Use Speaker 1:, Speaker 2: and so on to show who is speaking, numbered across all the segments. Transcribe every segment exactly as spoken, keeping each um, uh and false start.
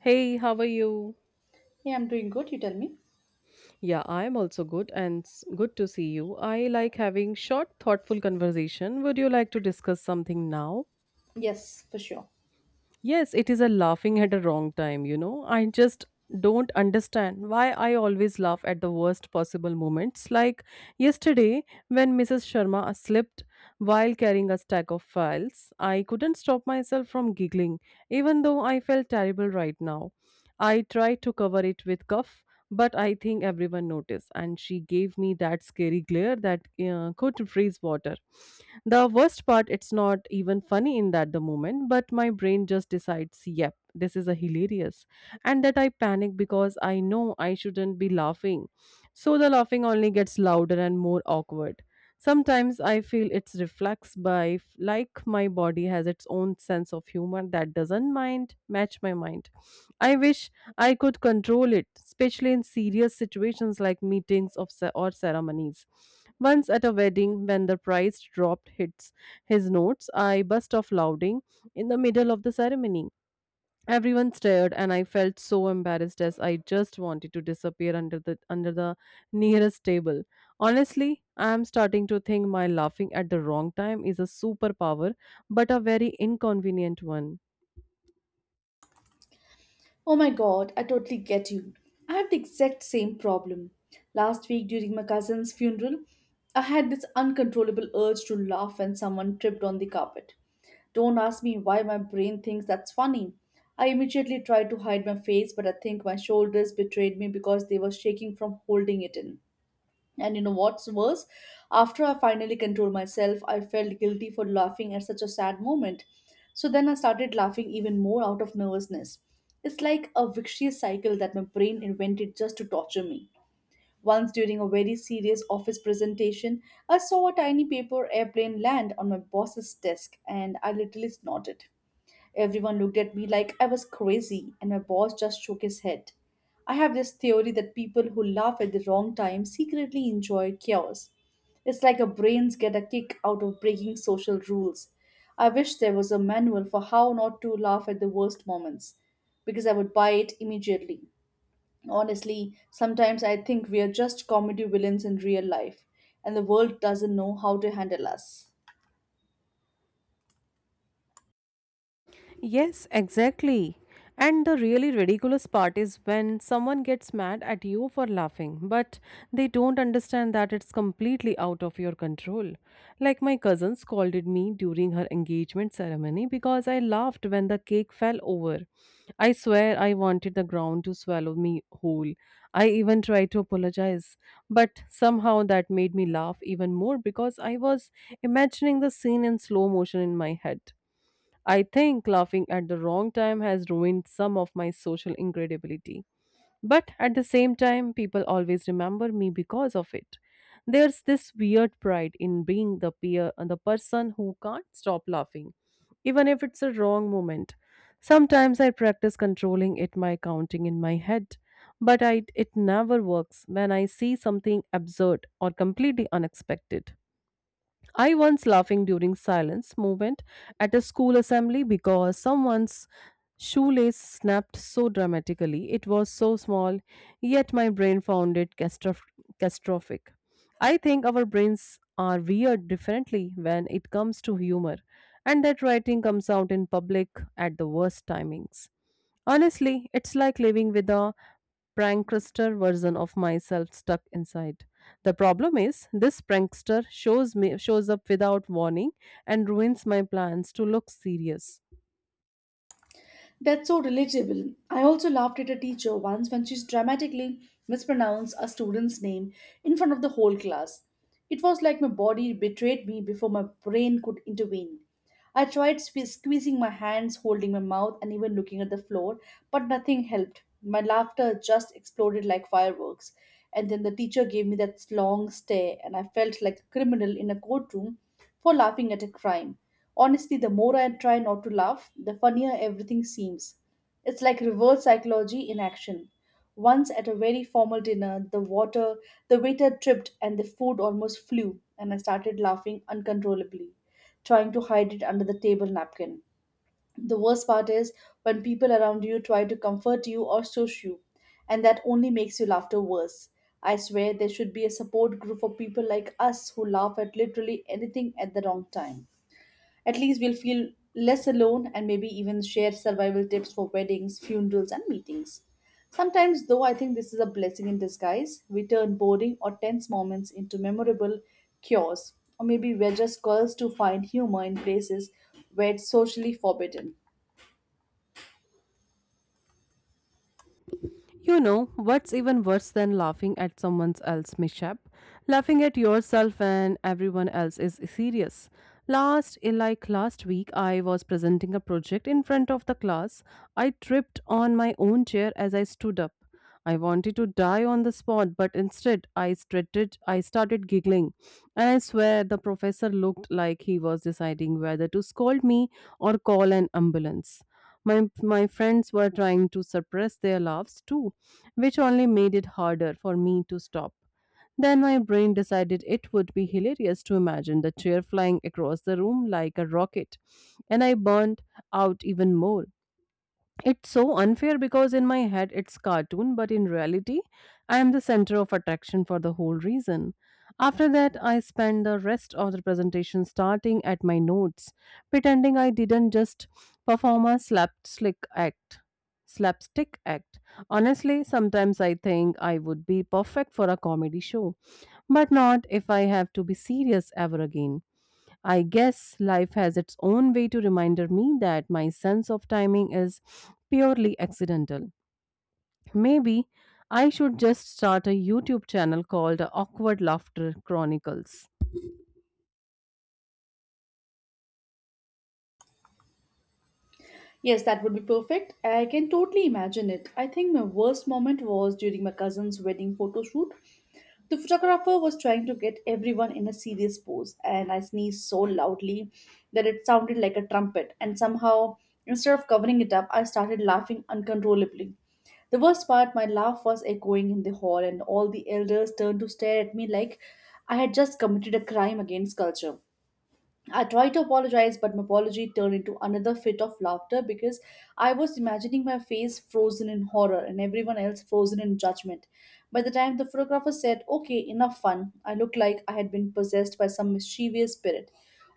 Speaker 1: Hey, how are you?
Speaker 2: Hey, I'm doing good, you tell me?
Speaker 1: Yeah, I'm also good and s- good to see you. I like having short, thoughtful conversation. Would you like to discuss something now?
Speaker 2: Yes, for sure.
Speaker 1: Yes, it is a laughing at a wrong time, you know. I just don't understand why I always laugh at the worst possible moments. Like yesterday when Missus Sharma slipped while carrying a stack of files, I couldn't stop myself from giggling, even though I felt terrible right now. I tried to cover it with cuff. But I think everyone noticed, and she gave me that scary glare that uh, could freeze water. The worst part, it's not even funny in that the moment, but my brain just decides, yep, this is a hilarious. And that I panic because I know I shouldn't be laughing. So the laughing only gets louder and more awkward. Sometimes I feel it's reflex by f- like my body has its own sense of humor that doesn't mind match my mind. I wish I could control it, especially in serious situations like meetings of ce- or ceremonies. Once at a wedding, when the priest dropped hits his notes, I burst off louding in the middle of the ceremony. Everyone stared, and I felt so embarrassed as I just wanted to disappear under the under the nearest table. Honestly, I am starting to think my laughing at the wrong time is a superpower, but a very inconvenient one.
Speaker 2: Oh my god, I totally get you. I have the exact same problem. Last week during my cousin's funeral, I had this uncontrollable urge to laugh when someone tripped on the carpet. Don't ask me why my brain thinks that's funny. I immediately tried to hide my face, but I think my shoulders betrayed me because they were shaking from holding it in. And you know what's worse? After I finally controlled myself, I felt guilty for laughing at such a sad moment. So then I started laughing even more out of nervousness. It's like a vicious cycle that my brain invented just to torture me. Once during a very serious office presentation, I saw a tiny paper airplane land on my boss's desk and I literally snorted. Everyone looked at me like I was crazy, and my boss just shook his head. I have this theory that people who laugh at the wrong time secretly enjoy chaos. It's like our brains get a kick out of breaking social rules. I wish there was a manual for how not to laugh at the worst moments, because I would buy it immediately. Honestly, sometimes I think we are just comedy villains in real life, and the world doesn't know how to handle us.
Speaker 1: Yes, exactly. And the really ridiculous part is when someone gets mad at you for laughing, but they don't understand that it's completely out of your control. Like my cousin scolded me during her engagement ceremony because I laughed when the cake fell over. I swear I wanted the ground to swallow me whole. I even tried to apologize, but somehow that made me laugh even more because I was imagining the scene in slow motion in my head. I think laughing at the wrong time has ruined some of my social incredibility. But at the same time, people always remember me because of it. There's this weird pride in being the peer and the person who can't stop laughing, even if it's a wrong moment. Sometimes I practice controlling it by counting in my head, but I, it never works when I see something absurd or completely unexpected. I once laughing during silence movement at a school assembly because someone's shoelace snapped so dramatically. It was so small, yet my brain found it catastroph- catastrophic. I think our brains are weird differently when it comes to humor, and that writing comes out in public at the worst timings. Honestly, it's like living with a prankster version of myself stuck inside. The problem is this prankster shows me shows up without warning and ruins my plans to look serious.
Speaker 2: That's so relatable. I also laughed at a teacher once when she dramatically mispronounced a student's name in front of the whole class. It was like my body betrayed me before my brain could intervene. I tried sque- squeezing my hands, holding my mouth, and even looking at the floor, but nothing helped. My laughter just exploded like fireworks. And then the teacher gave me that long stare, and I felt like a criminal in a courtroom for laughing at a crime. Honestly, the more I try not to laugh, the funnier everything seems. It's like reverse psychology in action. Once at a very formal dinner, the water the waiter tripped and the food almost flew, and I started laughing uncontrollably, trying to hide it under the table napkin. The worst part is when people around you try to comfort you or shush you, and that only makes your laughter worse. I swear there should be a support group for people like us who laugh at literally anything at the wrong time. At least we'll feel less alone and maybe even share survival tips for weddings, funerals, and meetings. Sometimes, though, I think this is a blessing in disguise. We turn boring or tense moments into memorable cures, or maybe we're just girls to find humor in places where it's socially forbidden.
Speaker 1: You know, what's even worse than laughing at someone else's mishap? Laughing at yourself and everyone else is serious. Last eh, like last week I was presenting a project in front of the class. I tripped on my own chair as I stood up. I wanted to die on the spot, but instead I started, I started giggling. And I swear the professor looked like he was deciding whether to scold me or call an ambulance. My, my friends were trying to suppress their laughs too, which only made it harder for me to stop. Then my brain decided it would be hilarious to imagine the chair flying across the room like a rocket, and I burned out even more. It's so unfair because in my head it's cartoon, but in reality, I am the center of attraction for the whole reason. After that, I spend the rest of the presentation starting at my notes, pretending I didn't just perform a slapstick act. Slapstick act. Honestly, sometimes I think I would be perfect for a comedy show, but not if I have to be serious ever again. I guess life has its own way to remind me that my sense of timing is purely accidental. Maybe I should just start a YouTube channel called Awkward Laughter Chronicles.
Speaker 2: Yes, that would be perfect. I can totally imagine it. I think my worst moment was during my cousin's wedding photo shoot. The photographer was trying to get everyone in a serious pose, and I sneezed so loudly that it sounded like a trumpet. And somehow, instead of covering it up, I started laughing uncontrollably. The worst part, my laugh was echoing in the hall, and all the elders turned to stare at me like I had just committed a crime against culture. I tried to apologize, but my apology turned into another fit of laughter because I was imagining my face frozen in horror and everyone else frozen in judgment. By the time the photographer said, "Okay, enough fun," I looked like I had been possessed by some mischievous spirit.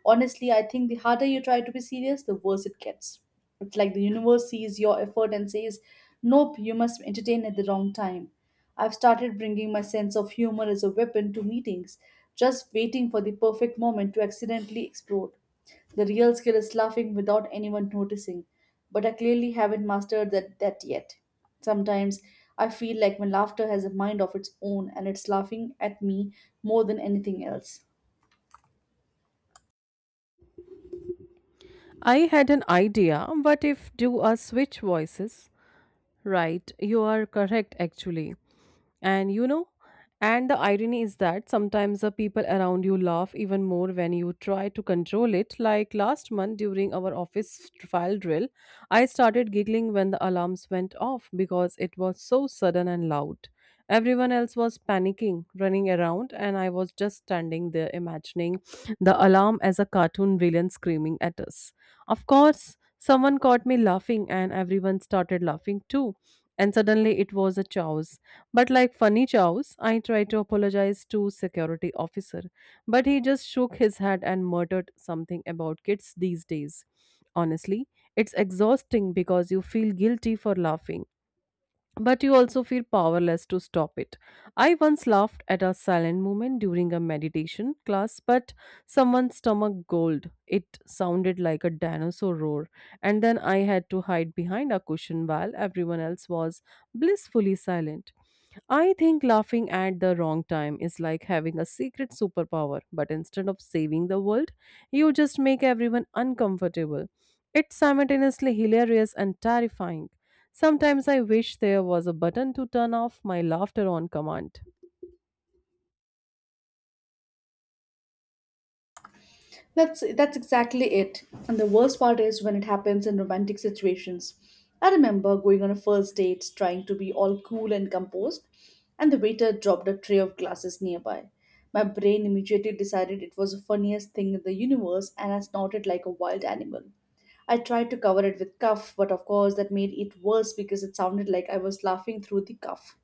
Speaker 2: Honestly, I think the harder you try to be serious, the worse it gets. It's like the universe sees your effort and says, "Nope, you must entertain at the wrong time." I've started bringing my sense of humor as a weapon to meetings, just waiting for the perfect moment to accidentally explode. The real skill is laughing without anyone noticing, but I clearly haven't mastered that, that yet. Sometimes I feel like my laughter has a mind of its own and it's laughing at me more than anything else.
Speaker 1: I had an idea, but if do a switch voices? Right, you are correct actually. And you know, and the irony is that sometimes the people around you laugh even more when you try to control it. Like last month during our office file drill, I started giggling when the alarms went off because it was so sudden and loud. Everyone else was panicking, running around, and I was just standing there imagining the alarm as a cartoon villain screaming at us. Of course, someone caught me laughing, and everyone started laughing too. And suddenly it was a chows. But like funny chows, I tried to apologize to security officer, but he just shook his head and muttered something about kids these days. Honestly, it's exhausting because you feel guilty for laughing but you also feel powerless to stop it. I once laughed at a silent moment during a meditation class, but someone's stomach growled. It sounded like a dinosaur roar, and then I had to hide behind a cushion while everyone else was blissfully silent. I think laughing at the wrong time is like having a secret superpower, but instead of saving the world, you just make everyone uncomfortable. It's simultaneously hilarious and terrifying. Sometimes I wish there was a button to turn off my laughter on command.
Speaker 2: That's that's exactly it. And the worst part is when it happens in romantic situations. I remember going on a first date trying to be all cool and composed, and the waiter dropped a tray of glasses nearby. My brain immediately decided it was the funniest thing in the universe and I snorted like a wild animal. I tried to cover it with cuff, but of course that made it worse because it sounded like I was laughing through the cuff.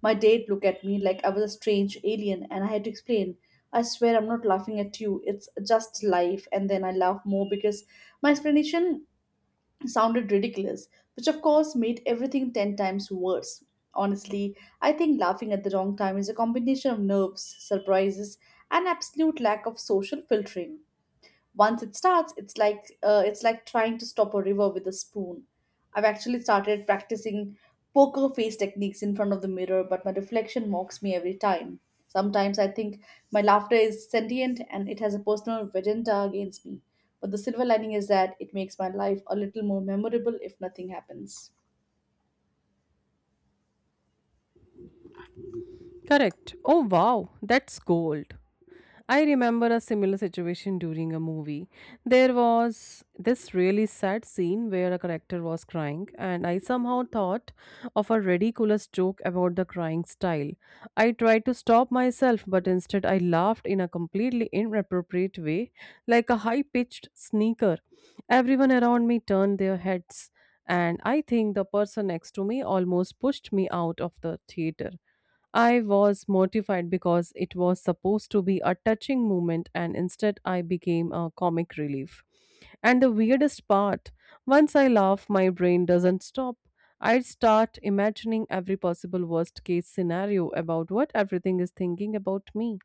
Speaker 2: My date looked at me like I was a strange alien, and I had to explain. I swear I'm not laughing at you. It's just life. And then I laughed more because my explanation sounded ridiculous, which of course made everything ten times worse. Honestly, I think laughing at the wrong time is a combination of nerves, surprises, and absolute lack of social filtering. Once it starts, it's like uh, it's like trying to stop a river with a spoon. I've actually started practicing poker face techniques in front of the mirror, but my reflection mocks me every time. Sometimes I think my laughter is sentient and it has a personal vendetta against me. But the silver lining is that it makes my life a little more memorable if nothing happens.
Speaker 1: Correct. Oh wow, that's gold. I remember a similar situation during a movie. There was this really sad scene where a character was crying, and I somehow thought of a ridiculous joke about the crying style. I tried to stop myself, but instead I laughed in a completely inappropriate way, like a high pitched sneaker. Everyone around me turned their heads, and I think the person next to me almost pushed me out of the theater. I was mortified because it was supposed to be a touching moment, and instead I became a comic relief. And the weirdest part once I laugh, my brain doesn't stop. I start imagining every possible worst case scenario about what everything is thinking about me.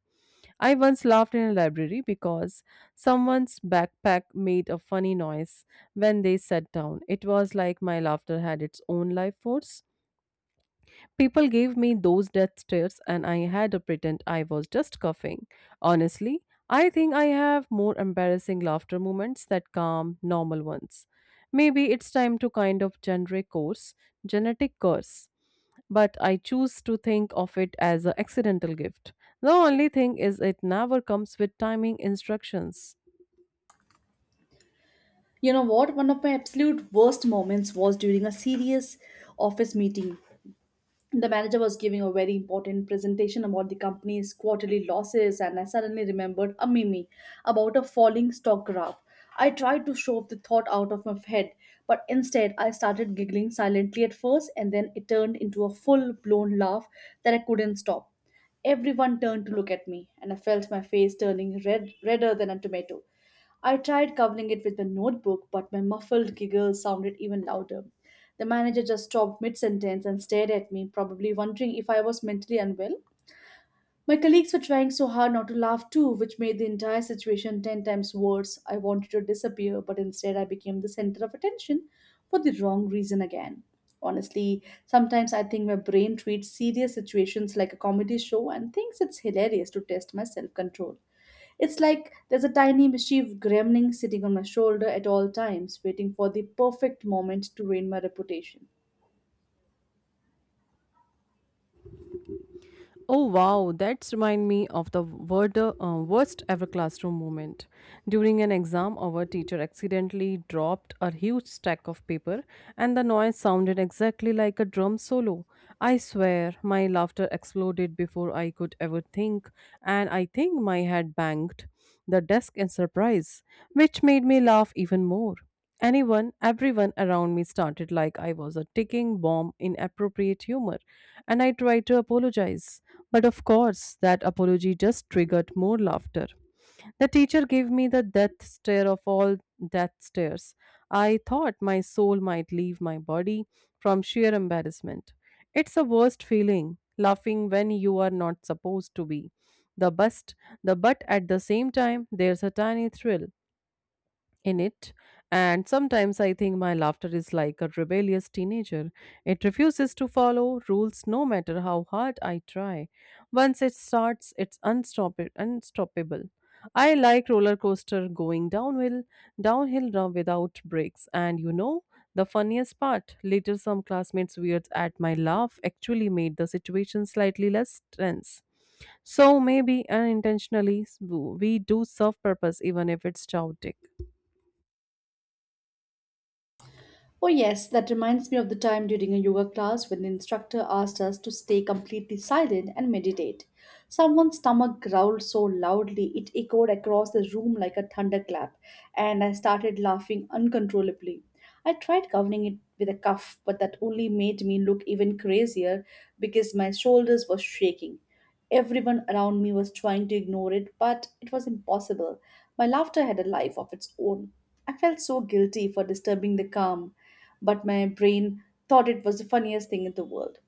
Speaker 1: I once laughed in a library because someone's backpack made a funny noise when they sat down. It was like my laughter had its own life force. People gave me those death stares, and I had to pretend I was just coughing. Honestly, I think I have more embarrassing laughter moments that calm normal ones. Maybe it's time to kind of generic course, genetic curse. But I choose to think of it as an accidental gift. The only thing is, it never comes with timing instructions.
Speaker 2: You know what? One of my absolute worst moments was during a serious office meeting. The manager was giving a very important presentation about the company's quarterly losses, and I suddenly remembered a meme about a falling stock graph. I tried to shove the thought out of my head, but instead I started giggling, silently at first, and then it turned into a full-blown laugh that I couldn't stop. Everyone turned to look at me and I felt my face turning red redder than a tomato. I tried covering it with a notebook, but my muffled giggle sounded even louder. The manager just stopped mid sentence and stared at me, probably wondering if I was mentally unwell. My colleagues were trying so hard not to laugh too, which made the entire situation ten times worse. I wanted to disappear, but instead I became the center of attention for the wrong reason again. Honestly, sometimes I think my brain treats serious situations like a comedy show and thinks it's hilarious to test my self control. It's like there's a tiny mischief gremlin sitting on my shoulder at all times, waiting for the perfect moment to ruin my reputation.
Speaker 1: Oh wow, that's remind me of the word, uh, worst ever classroom moment. During an exam, our teacher accidentally dropped a huge stack of paper, and the noise sounded exactly like a drum solo. I swear, my laughter exploded before I could ever think, and I think my head banged the desk in surprise, which made me laugh even more. Anyone, everyone around me started like I was a ticking bomb in appropriate humor, and I tried to apologize. But of course, that apology just triggered more laughter. The teacher gave me the death stare of all death stares. I thought my soul might leave my body from sheer embarrassment. It's the worst feeling, laughing when you are not supposed to be. The best, the But at the same time, there's a tiny thrill in it. And sometimes I think my laughter is like a rebellious teenager. It refuses to follow rules no matter how hard I try. Once it starts, it's unstoppa- unstoppable. I like roller coaster going downhill, downhill now without breaks. And you know, the funniest part later, some classmates weird at my laugh actually made the situation slightly less tense. So maybe unintentionally, we do serve purpose even if it's chaotic.
Speaker 2: Oh, yes, that reminds me of the time during a yoga class when the instructor asked us to stay completely silent and meditate. Someone's stomach growled so loudly it echoed across the room like a thunderclap, and I started laughing uncontrollably. I tried covering it with a cuff, but that only made me look even crazier because my shoulders were shaking. Everyone around me was trying to ignore it, but it was impossible. My laughter had a life of its own. I felt so guilty for disturbing the calm, but my brain thought it was the funniest thing in the world.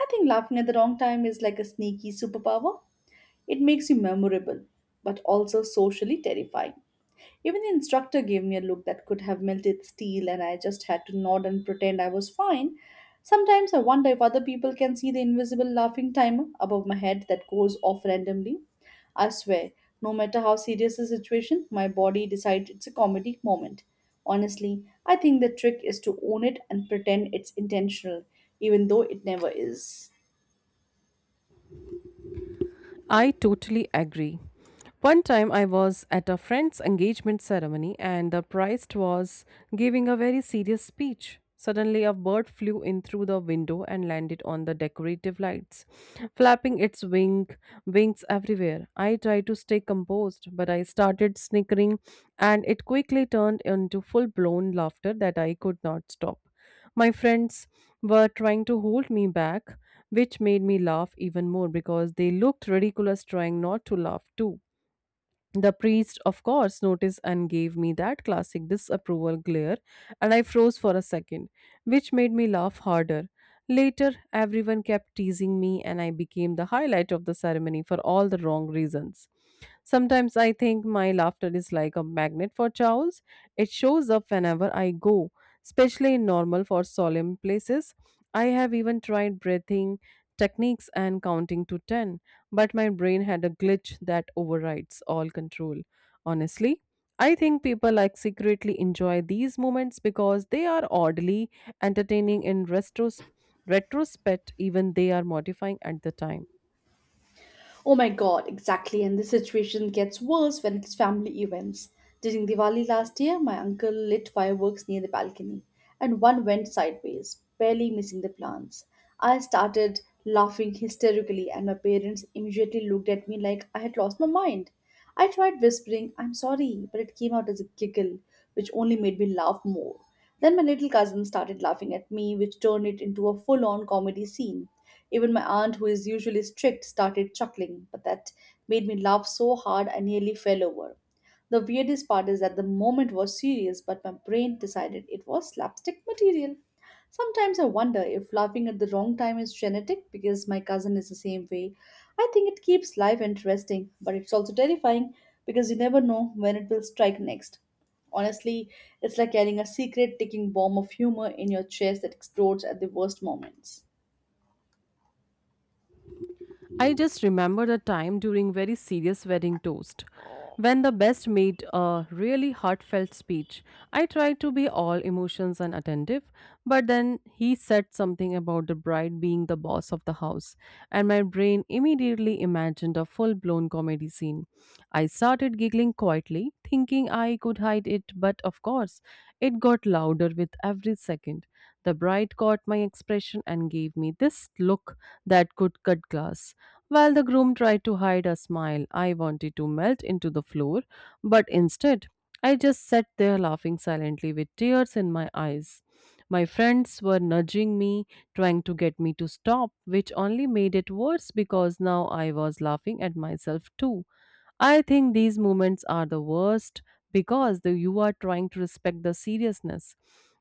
Speaker 2: I think laughing at the wrong time is like a sneaky superpower. It makes you memorable, but also socially terrifying. Even the instructor gave me a look that could have melted steel, and I just had to nod and pretend I was fine. Sometimes I wonder if other people can see the invisible laughing timer above my head that goes off randomly. I swear, no matter how serious the situation, my body decides it's a comedy moment. Honestly, I think the trick is to own it and pretend it's intentional, even though it never is.
Speaker 1: I totally agree. One time I was at a friend's engagement ceremony and the priest was giving a very serious speech. Suddenly, a bird flew in through the window and landed on the decorative lights, flapping its wing, wings everywhere. I tried to stay composed, but I started snickering, and it quickly turned into full blown laughter that I could not stop. My friends were trying to hold me back, which made me laugh even more because they looked ridiculous trying not to laugh too. The priest, of course, noticed and gave me that classic disapproval glare, and I froze for a second, which made me laugh harder. Later, everyone kept teasing me, and I became the highlight of the ceremony for all the wrong reasons. Sometimes I think my laughter is like a magnet for chows. It shows up whenever I go, especially in normal for solemn places. I have even tried breathing techniques and counting to ten but my brain had a glitch that overrides all control. Honestly, I think people like secretly enjoy these moments because they are oddly entertaining in retros- retrospect, even they are modifying at the time.
Speaker 2: Oh my god, exactly. And the situation gets worse when it's family events. During Diwali last year, my uncle lit fireworks near the balcony, and one went sideways, barely missing the plants. I started laughing hysterically, and my parents immediately looked at me like I had lost my mind. I tried whispering, "I'm sorry," but it came out as a giggle, which only made me laugh more. Then my little cousin started laughing at me, which turned it into a full on comedy scene. Even my aunt, who is usually strict, started chuckling, but that made me laugh so hard I nearly fell over. The weirdest part is that the moment was serious, but my brain decided it was slapstick material. Sometimes I wonder if laughing at the wrong time is genetic because my cousin is the same way. I think it keeps life interesting, but it's also terrifying because you never know when it will strike next. Honestly, it's like carrying a secret ticking bomb of humor in your chest that explodes at the worst moments.
Speaker 1: I just remember the time during very serious wedding toast when the best made a really heartfelt speech. I tried to be all emotions and attentive, but then he said something about the bride being the boss of the house, and my brain immediately imagined a full blown comedy scene. I started giggling quietly, thinking I could hide it, but of course, it got louder with every second. The bride caught my expression and gave me this look that could cut glass. While the groom tried to hide a smile, I wanted to melt into the floor, but instead, I just sat there laughing silently with tears in my eyes. My friends were nudging me, trying to get me to stop, which only made it worse because now I was laughing at myself too. I think these moments are the worst because the, you are trying to respect the seriousness,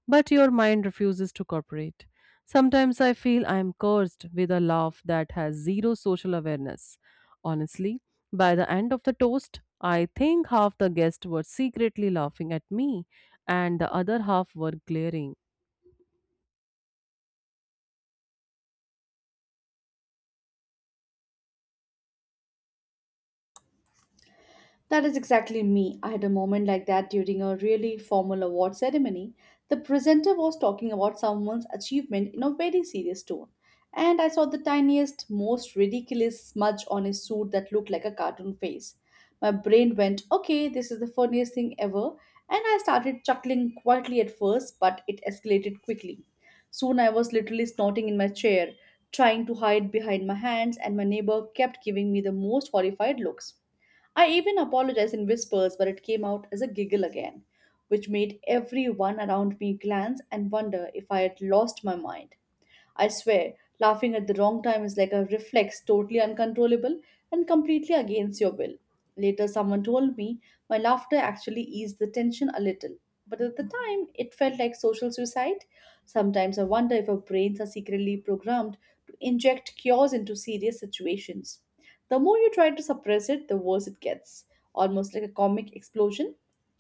Speaker 1: but your mind refuses to cooperate. Sometimes I feel I am cursed with a laugh that has zero social awareness. Honestly, by the end of the toast, I think half the guests were secretly laughing at me and the other half were glaring.
Speaker 2: That is exactly me. I had a moment like that during a really formal award ceremony. The presenter was talking about someone's achievement in a very serious tone, and I saw the tiniest, most ridiculous smudge on his suit that looked like a cartoon face. My brain went, okay, this is the funniest thing ever, and I started chuckling quietly at first, but it escalated quickly. Soon I was literally snorting in my chair, trying to hide behind my hands, and my neighbor kept giving me the most horrified looks. I even apologized in whispers, but it came out as a giggle again, which made everyone around me glance and wonder if I had lost my mind. I swear, laughing at the wrong time is like a reflex, totally uncontrollable and completely against your will. Later, someone told me my laughter actually eased the tension a little, but at the time, it felt like social suicide. Sometimes I wonder if our brains are secretly programmed to inject cures into serious situations. The more you try to suppress it, the worse it gets, almost like a comic explosion.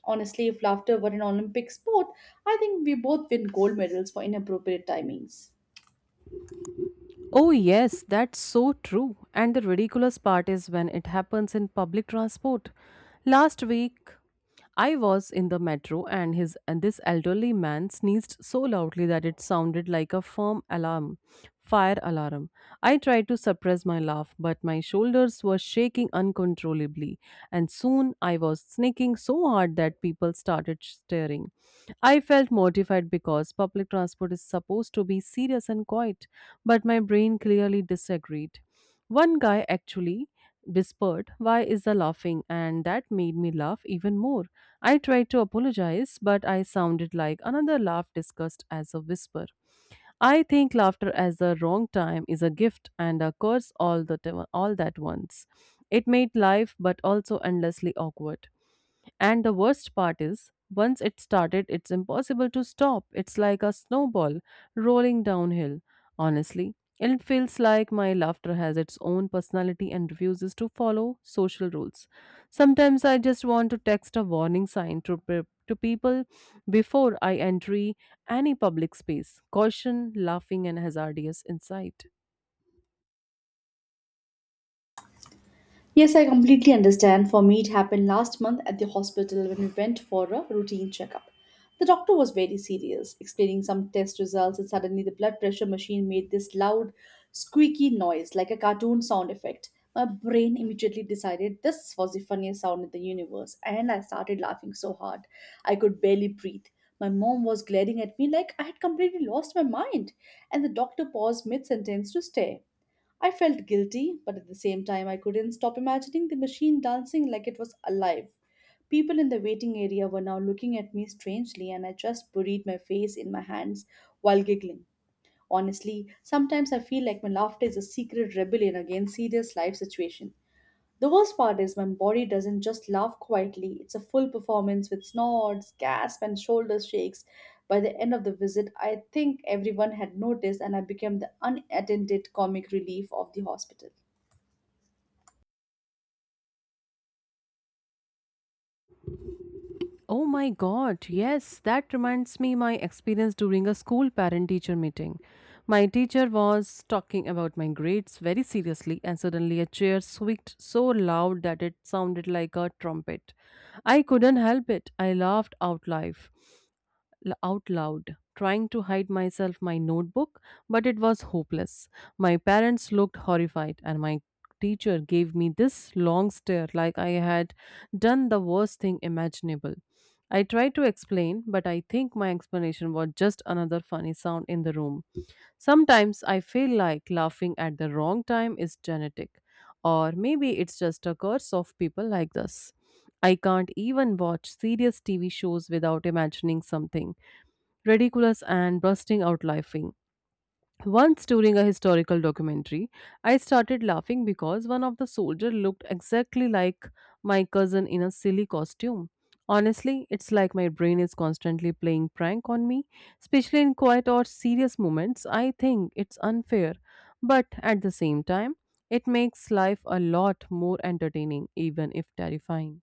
Speaker 2: Honestly, if laughter were an Olympic sport, I think we both win gold medals for inappropriate timings.
Speaker 1: Oh, yes, that's so true. And the ridiculous part is when it happens in public transport. Last week, I was in the metro and his and this elderly man sneezed so loudly that it sounded like a firm alarm fire alarm. I tried to suppress my laugh, but my shoulders were shaking uncontrollably, and soon I was sneaking so hard that people started staring. I felt mortified because public transport is supposed to be serious and quiet, but my brain clearly disagreed. One guy actually whispered, "Why is the laughing?" And that made me laugh even more. I tried to apologize, but I sounded like another laugh discussed as a whisper. I think laughter at the wrong time is a gift and a curse all the t- all that once. It made life but also endlessly awkward. And the worst part is, once it started, it's impossible to stop. It's like a snowball rolling downhill. Honestly, it feels like my laughter has its own personality and refuses to follow social rules. Sometimes I just want to text a warning sign to, pe- to people before I enter any public space. Caution, laughing, and hazardous insight.
Speaker 2: Yes, I completely understand. For me, it happened last month at the hospital when we went for a routine checkup. The doctor was very serious, explaining some test results, and suddenly the blood pressure machine made this loud, squeaky noise like a cartoon sound effect. My brain immediately decided this was the funniest sound in the universe, and I started laughing so hard I could barely breathe. My mom was glaring at me like I had completely lost my mind, and the doctor paused mid sentence to stare. I felt guilty, but at the same time, I couldn't stop imagining the machine dancing like it was alive. People in the waiting area were now looking at me strangely, and I just buried my face in my hands while giggling. Honestly, sometimes I feel like my laughter is a secret rebellion against serious life situations. The worst part is my body doesn't just laugh quietly, it's a full performance with snorts, gasp, and shoulder shakes. By the end of the visit, I think everyone had noticed, and I became the unattended comic relief of the hospital.
Speaker 1: Oh my god, yes, that reminds me my experience during a school parent teacher meeting. My teacher was talking about my grades very seriously, and suddenly a chair squeaked so loud that it sounded like a trumpet. I couldn't help it. I laughed out loud l- out loud, trying to hide myself my notebook, but it was hopeless. My parents looked horrified, and my teacher gave me this long stare like I had done the worst thing imaginable. I tried to explain, but I think my explanation was just another funny sound in the room. Sometimes I feel like laughing at the wrong time is genetic, or maybe it's just a curse of people like us. I can't even watch serious T V shows without imagining something ridiculous and bursting out laughing. Once during a historical documentary, I started laughing because one of the soldiers looked exactly like my cousin in a silly costume. Honestly, it's like my brain is constantly playing prank on me, especially in quiet or serious moments. I think it's unfair, but at the same time, it makes life a lot more entertaining, even if terrifying.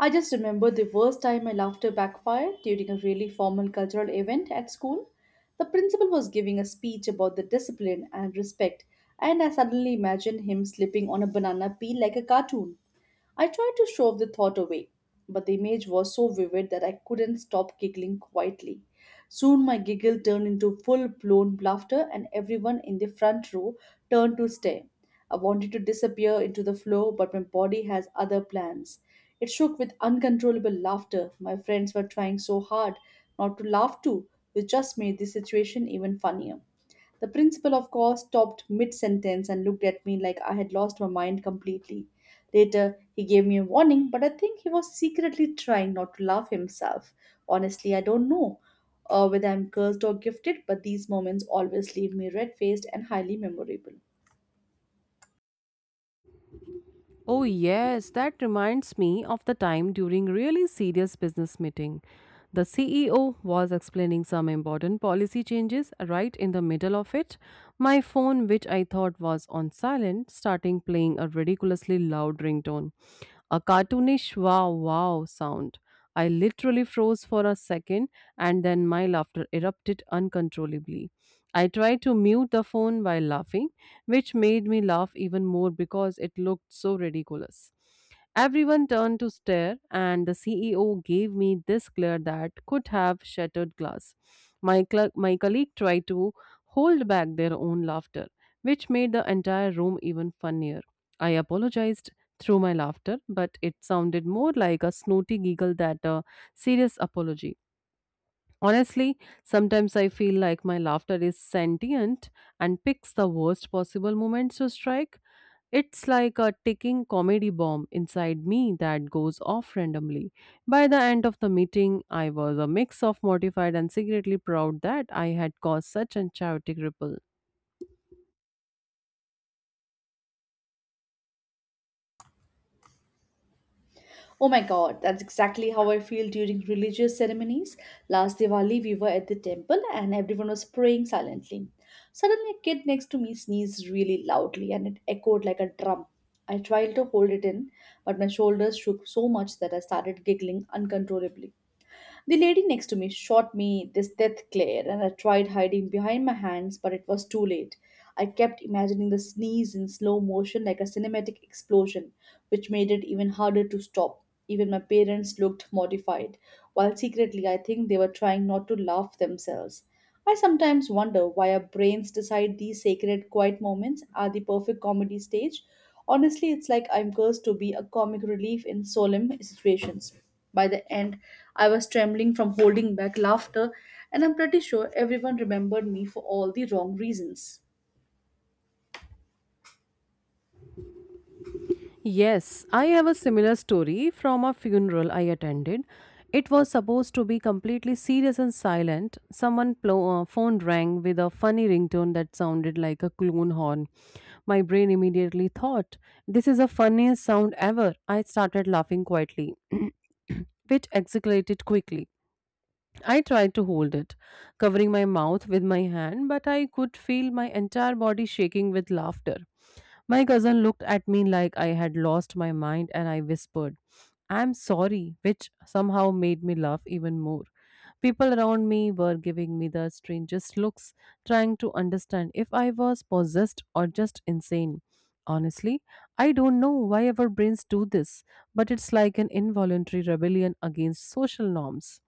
Speaker 2: I just remember the worst time my laughter backfired during a really formal cultural event at school. The principal was giving a speech about the discipline and respect, and I suddenly imagined him slipping on a banana peel like a cartoon. I tried to shove the thought away, but the image was so vivid that I couldn't stop giggling quietly. Soon my giggle turned into full blown laughter, and everyone in the front row turned to stare. I wanted to disappear into the floor, but my body has other plans. It shook with uncontrollable laughter. My friends were trying so hard not to laugh too, which just made the situation even funnier. The principal, of course, stopped mid sentence and looked at me like I had lost my mind completely. Later, he gave me a warning, but I think he was secretly trying not to laugh himself. Honestly, I don't know uh, whether I'm cursed or gifted, but these moments always leave me red faced and highly memorable.
Speaker 1: Oh, yes, that reminds me of the time during really serious business meeting. The C E O was explaining some important policy changes right in the middle of it. My phone, which I thought was on silent, starting playing a ridiculously loud ringtone. A cartoonish wow wow sound. I literally froze for a second and then my laughter erupted uncontrollably. I tried to mute the phone while laughing, which made me laugh even more because it looked so ridiculous. Everyone turned to stare, and the C E O gave me this glare that could have shattered glass. My, cl- my colleague tried to hold back their own laughter, which made the entire room even funnier. I apologized through my laughter, but it sounded more like a snooty giggle than a serious apology. Honestly, sometimes I feel like my laughter is sentient and picks the worst possible moments to strike. It's like a ticking comedy bomb inside me that goes off randomly. By the end of the meeting, I was a mix of mortified and secretly proud that I had caused such a chaotic ripple.
Speaker 2: Oh my god, that's exactly how I feel during religious ceremonies. Last Diwali, we were at the temple and everyone was praying silently. Suddenly, a kid next to me sneezed really loudly and it echoed like a drum. I tried to hold it in, but my shoulders shook so much that I started giggling uncontrollably. The lady next to me shot me this death glare, and I tried hiding behind my hands, but it was too late. I kept imagining the sneeze in slow motion like a cinematic explosion, which made it even harder to stop. Even my parents looked mortified, while secretly I think they were trying not to laugh themselves. I sometimes wonder why our brains decide these sacred quiet moments are the perfect comedy stage. Honestly, it's like I'm cursed to be a comic relief in solemn situations. By the end, I was trembling from holding back laughter, and I'm pretty sure everyone remembered me for all the wrong reasons.
Speaker 1: Yes, I have a similar story from a funeral I attended. It was supposed to be completely serious and silent. Someone plo- uh, phone rang with a funny ringtone that sounded like a clown horn. My brain immediately thought, "This is the funniest sound ever." I started laughing quietly, which escalated quickly. I tried to hold it, covering my mouth with my hand, but I could feel my entire body shaking with laughter. My cousin looked at me like I had lost my mind and I whispered, "I'm sorry," which somehow made me laugh even more. People around me were giving me the strangest looks, trying to understand if I was possessed or just insane. Honestly, I don't know why our brains do this, but it's like an involuntary rebellion against social norms.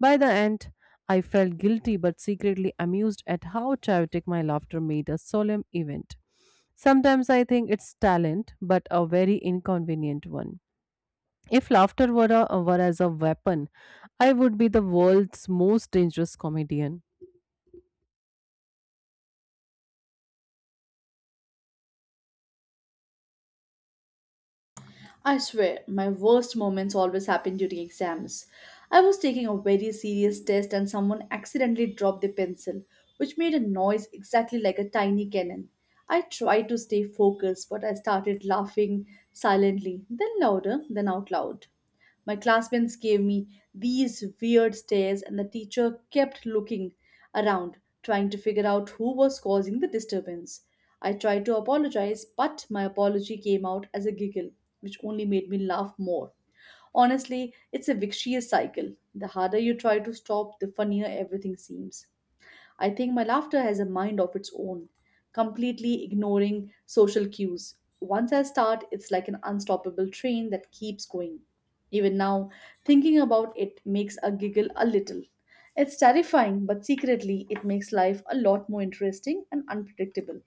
Speaker 1: By the end, I felt guilty but secretly amused at how chaotic my laughter made a solemn event. Sometimes I think it's talent, but a very inconvenient one. If laughter were, a, were as a weapon, I would be the world's most dangerous comedian.
Speaker 2: I swear, my worst moments always happen during exams. I was taking a very serious test and someone accidentally dropped their pencil, which made a noise exactly like a tiny cannon. I tried to stay focused, but I started laughing silently, then louder, then out loud. My classmates gave me these weird stares, and the teacher kept looking around, trying to figure out who was causing the disturbance. I tried to apologize, but my apology came out as a giggle, which only made me laugh more. Honestly, it's a vicious cycle. The harder you try to stop, the funnier everything seems. I think my laughter has a mind of its own, completely ignoring social cues. Once I start, it's like an unstoppable train that keeps going. Even now, thinking about it makes a giggle a little. It's terrifying, but secretly, it makes life a lot more interesting and unpredictable.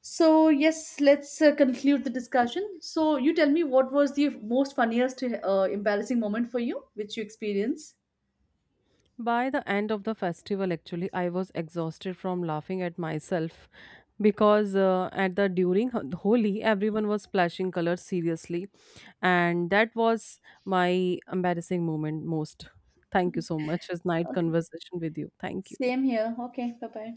Speaker 2: So, yes, let's uh, conclude the discussion. So, you tell me, what was the most funniest, uh, embarrassing moment for you, which you experienced?
Speaker 1: By the end of the festival, actually, I was exhausted from laughing at myself because uh, at the during Ho- Holi, everyone was splashing colors seriously, and that was my embarrassing moment most. Thank you so much. It's night
Speaker 2: Okay.
Speaker 1: conversation with you. Thank you.
Speaker 2: Same here. Okay, bye bye.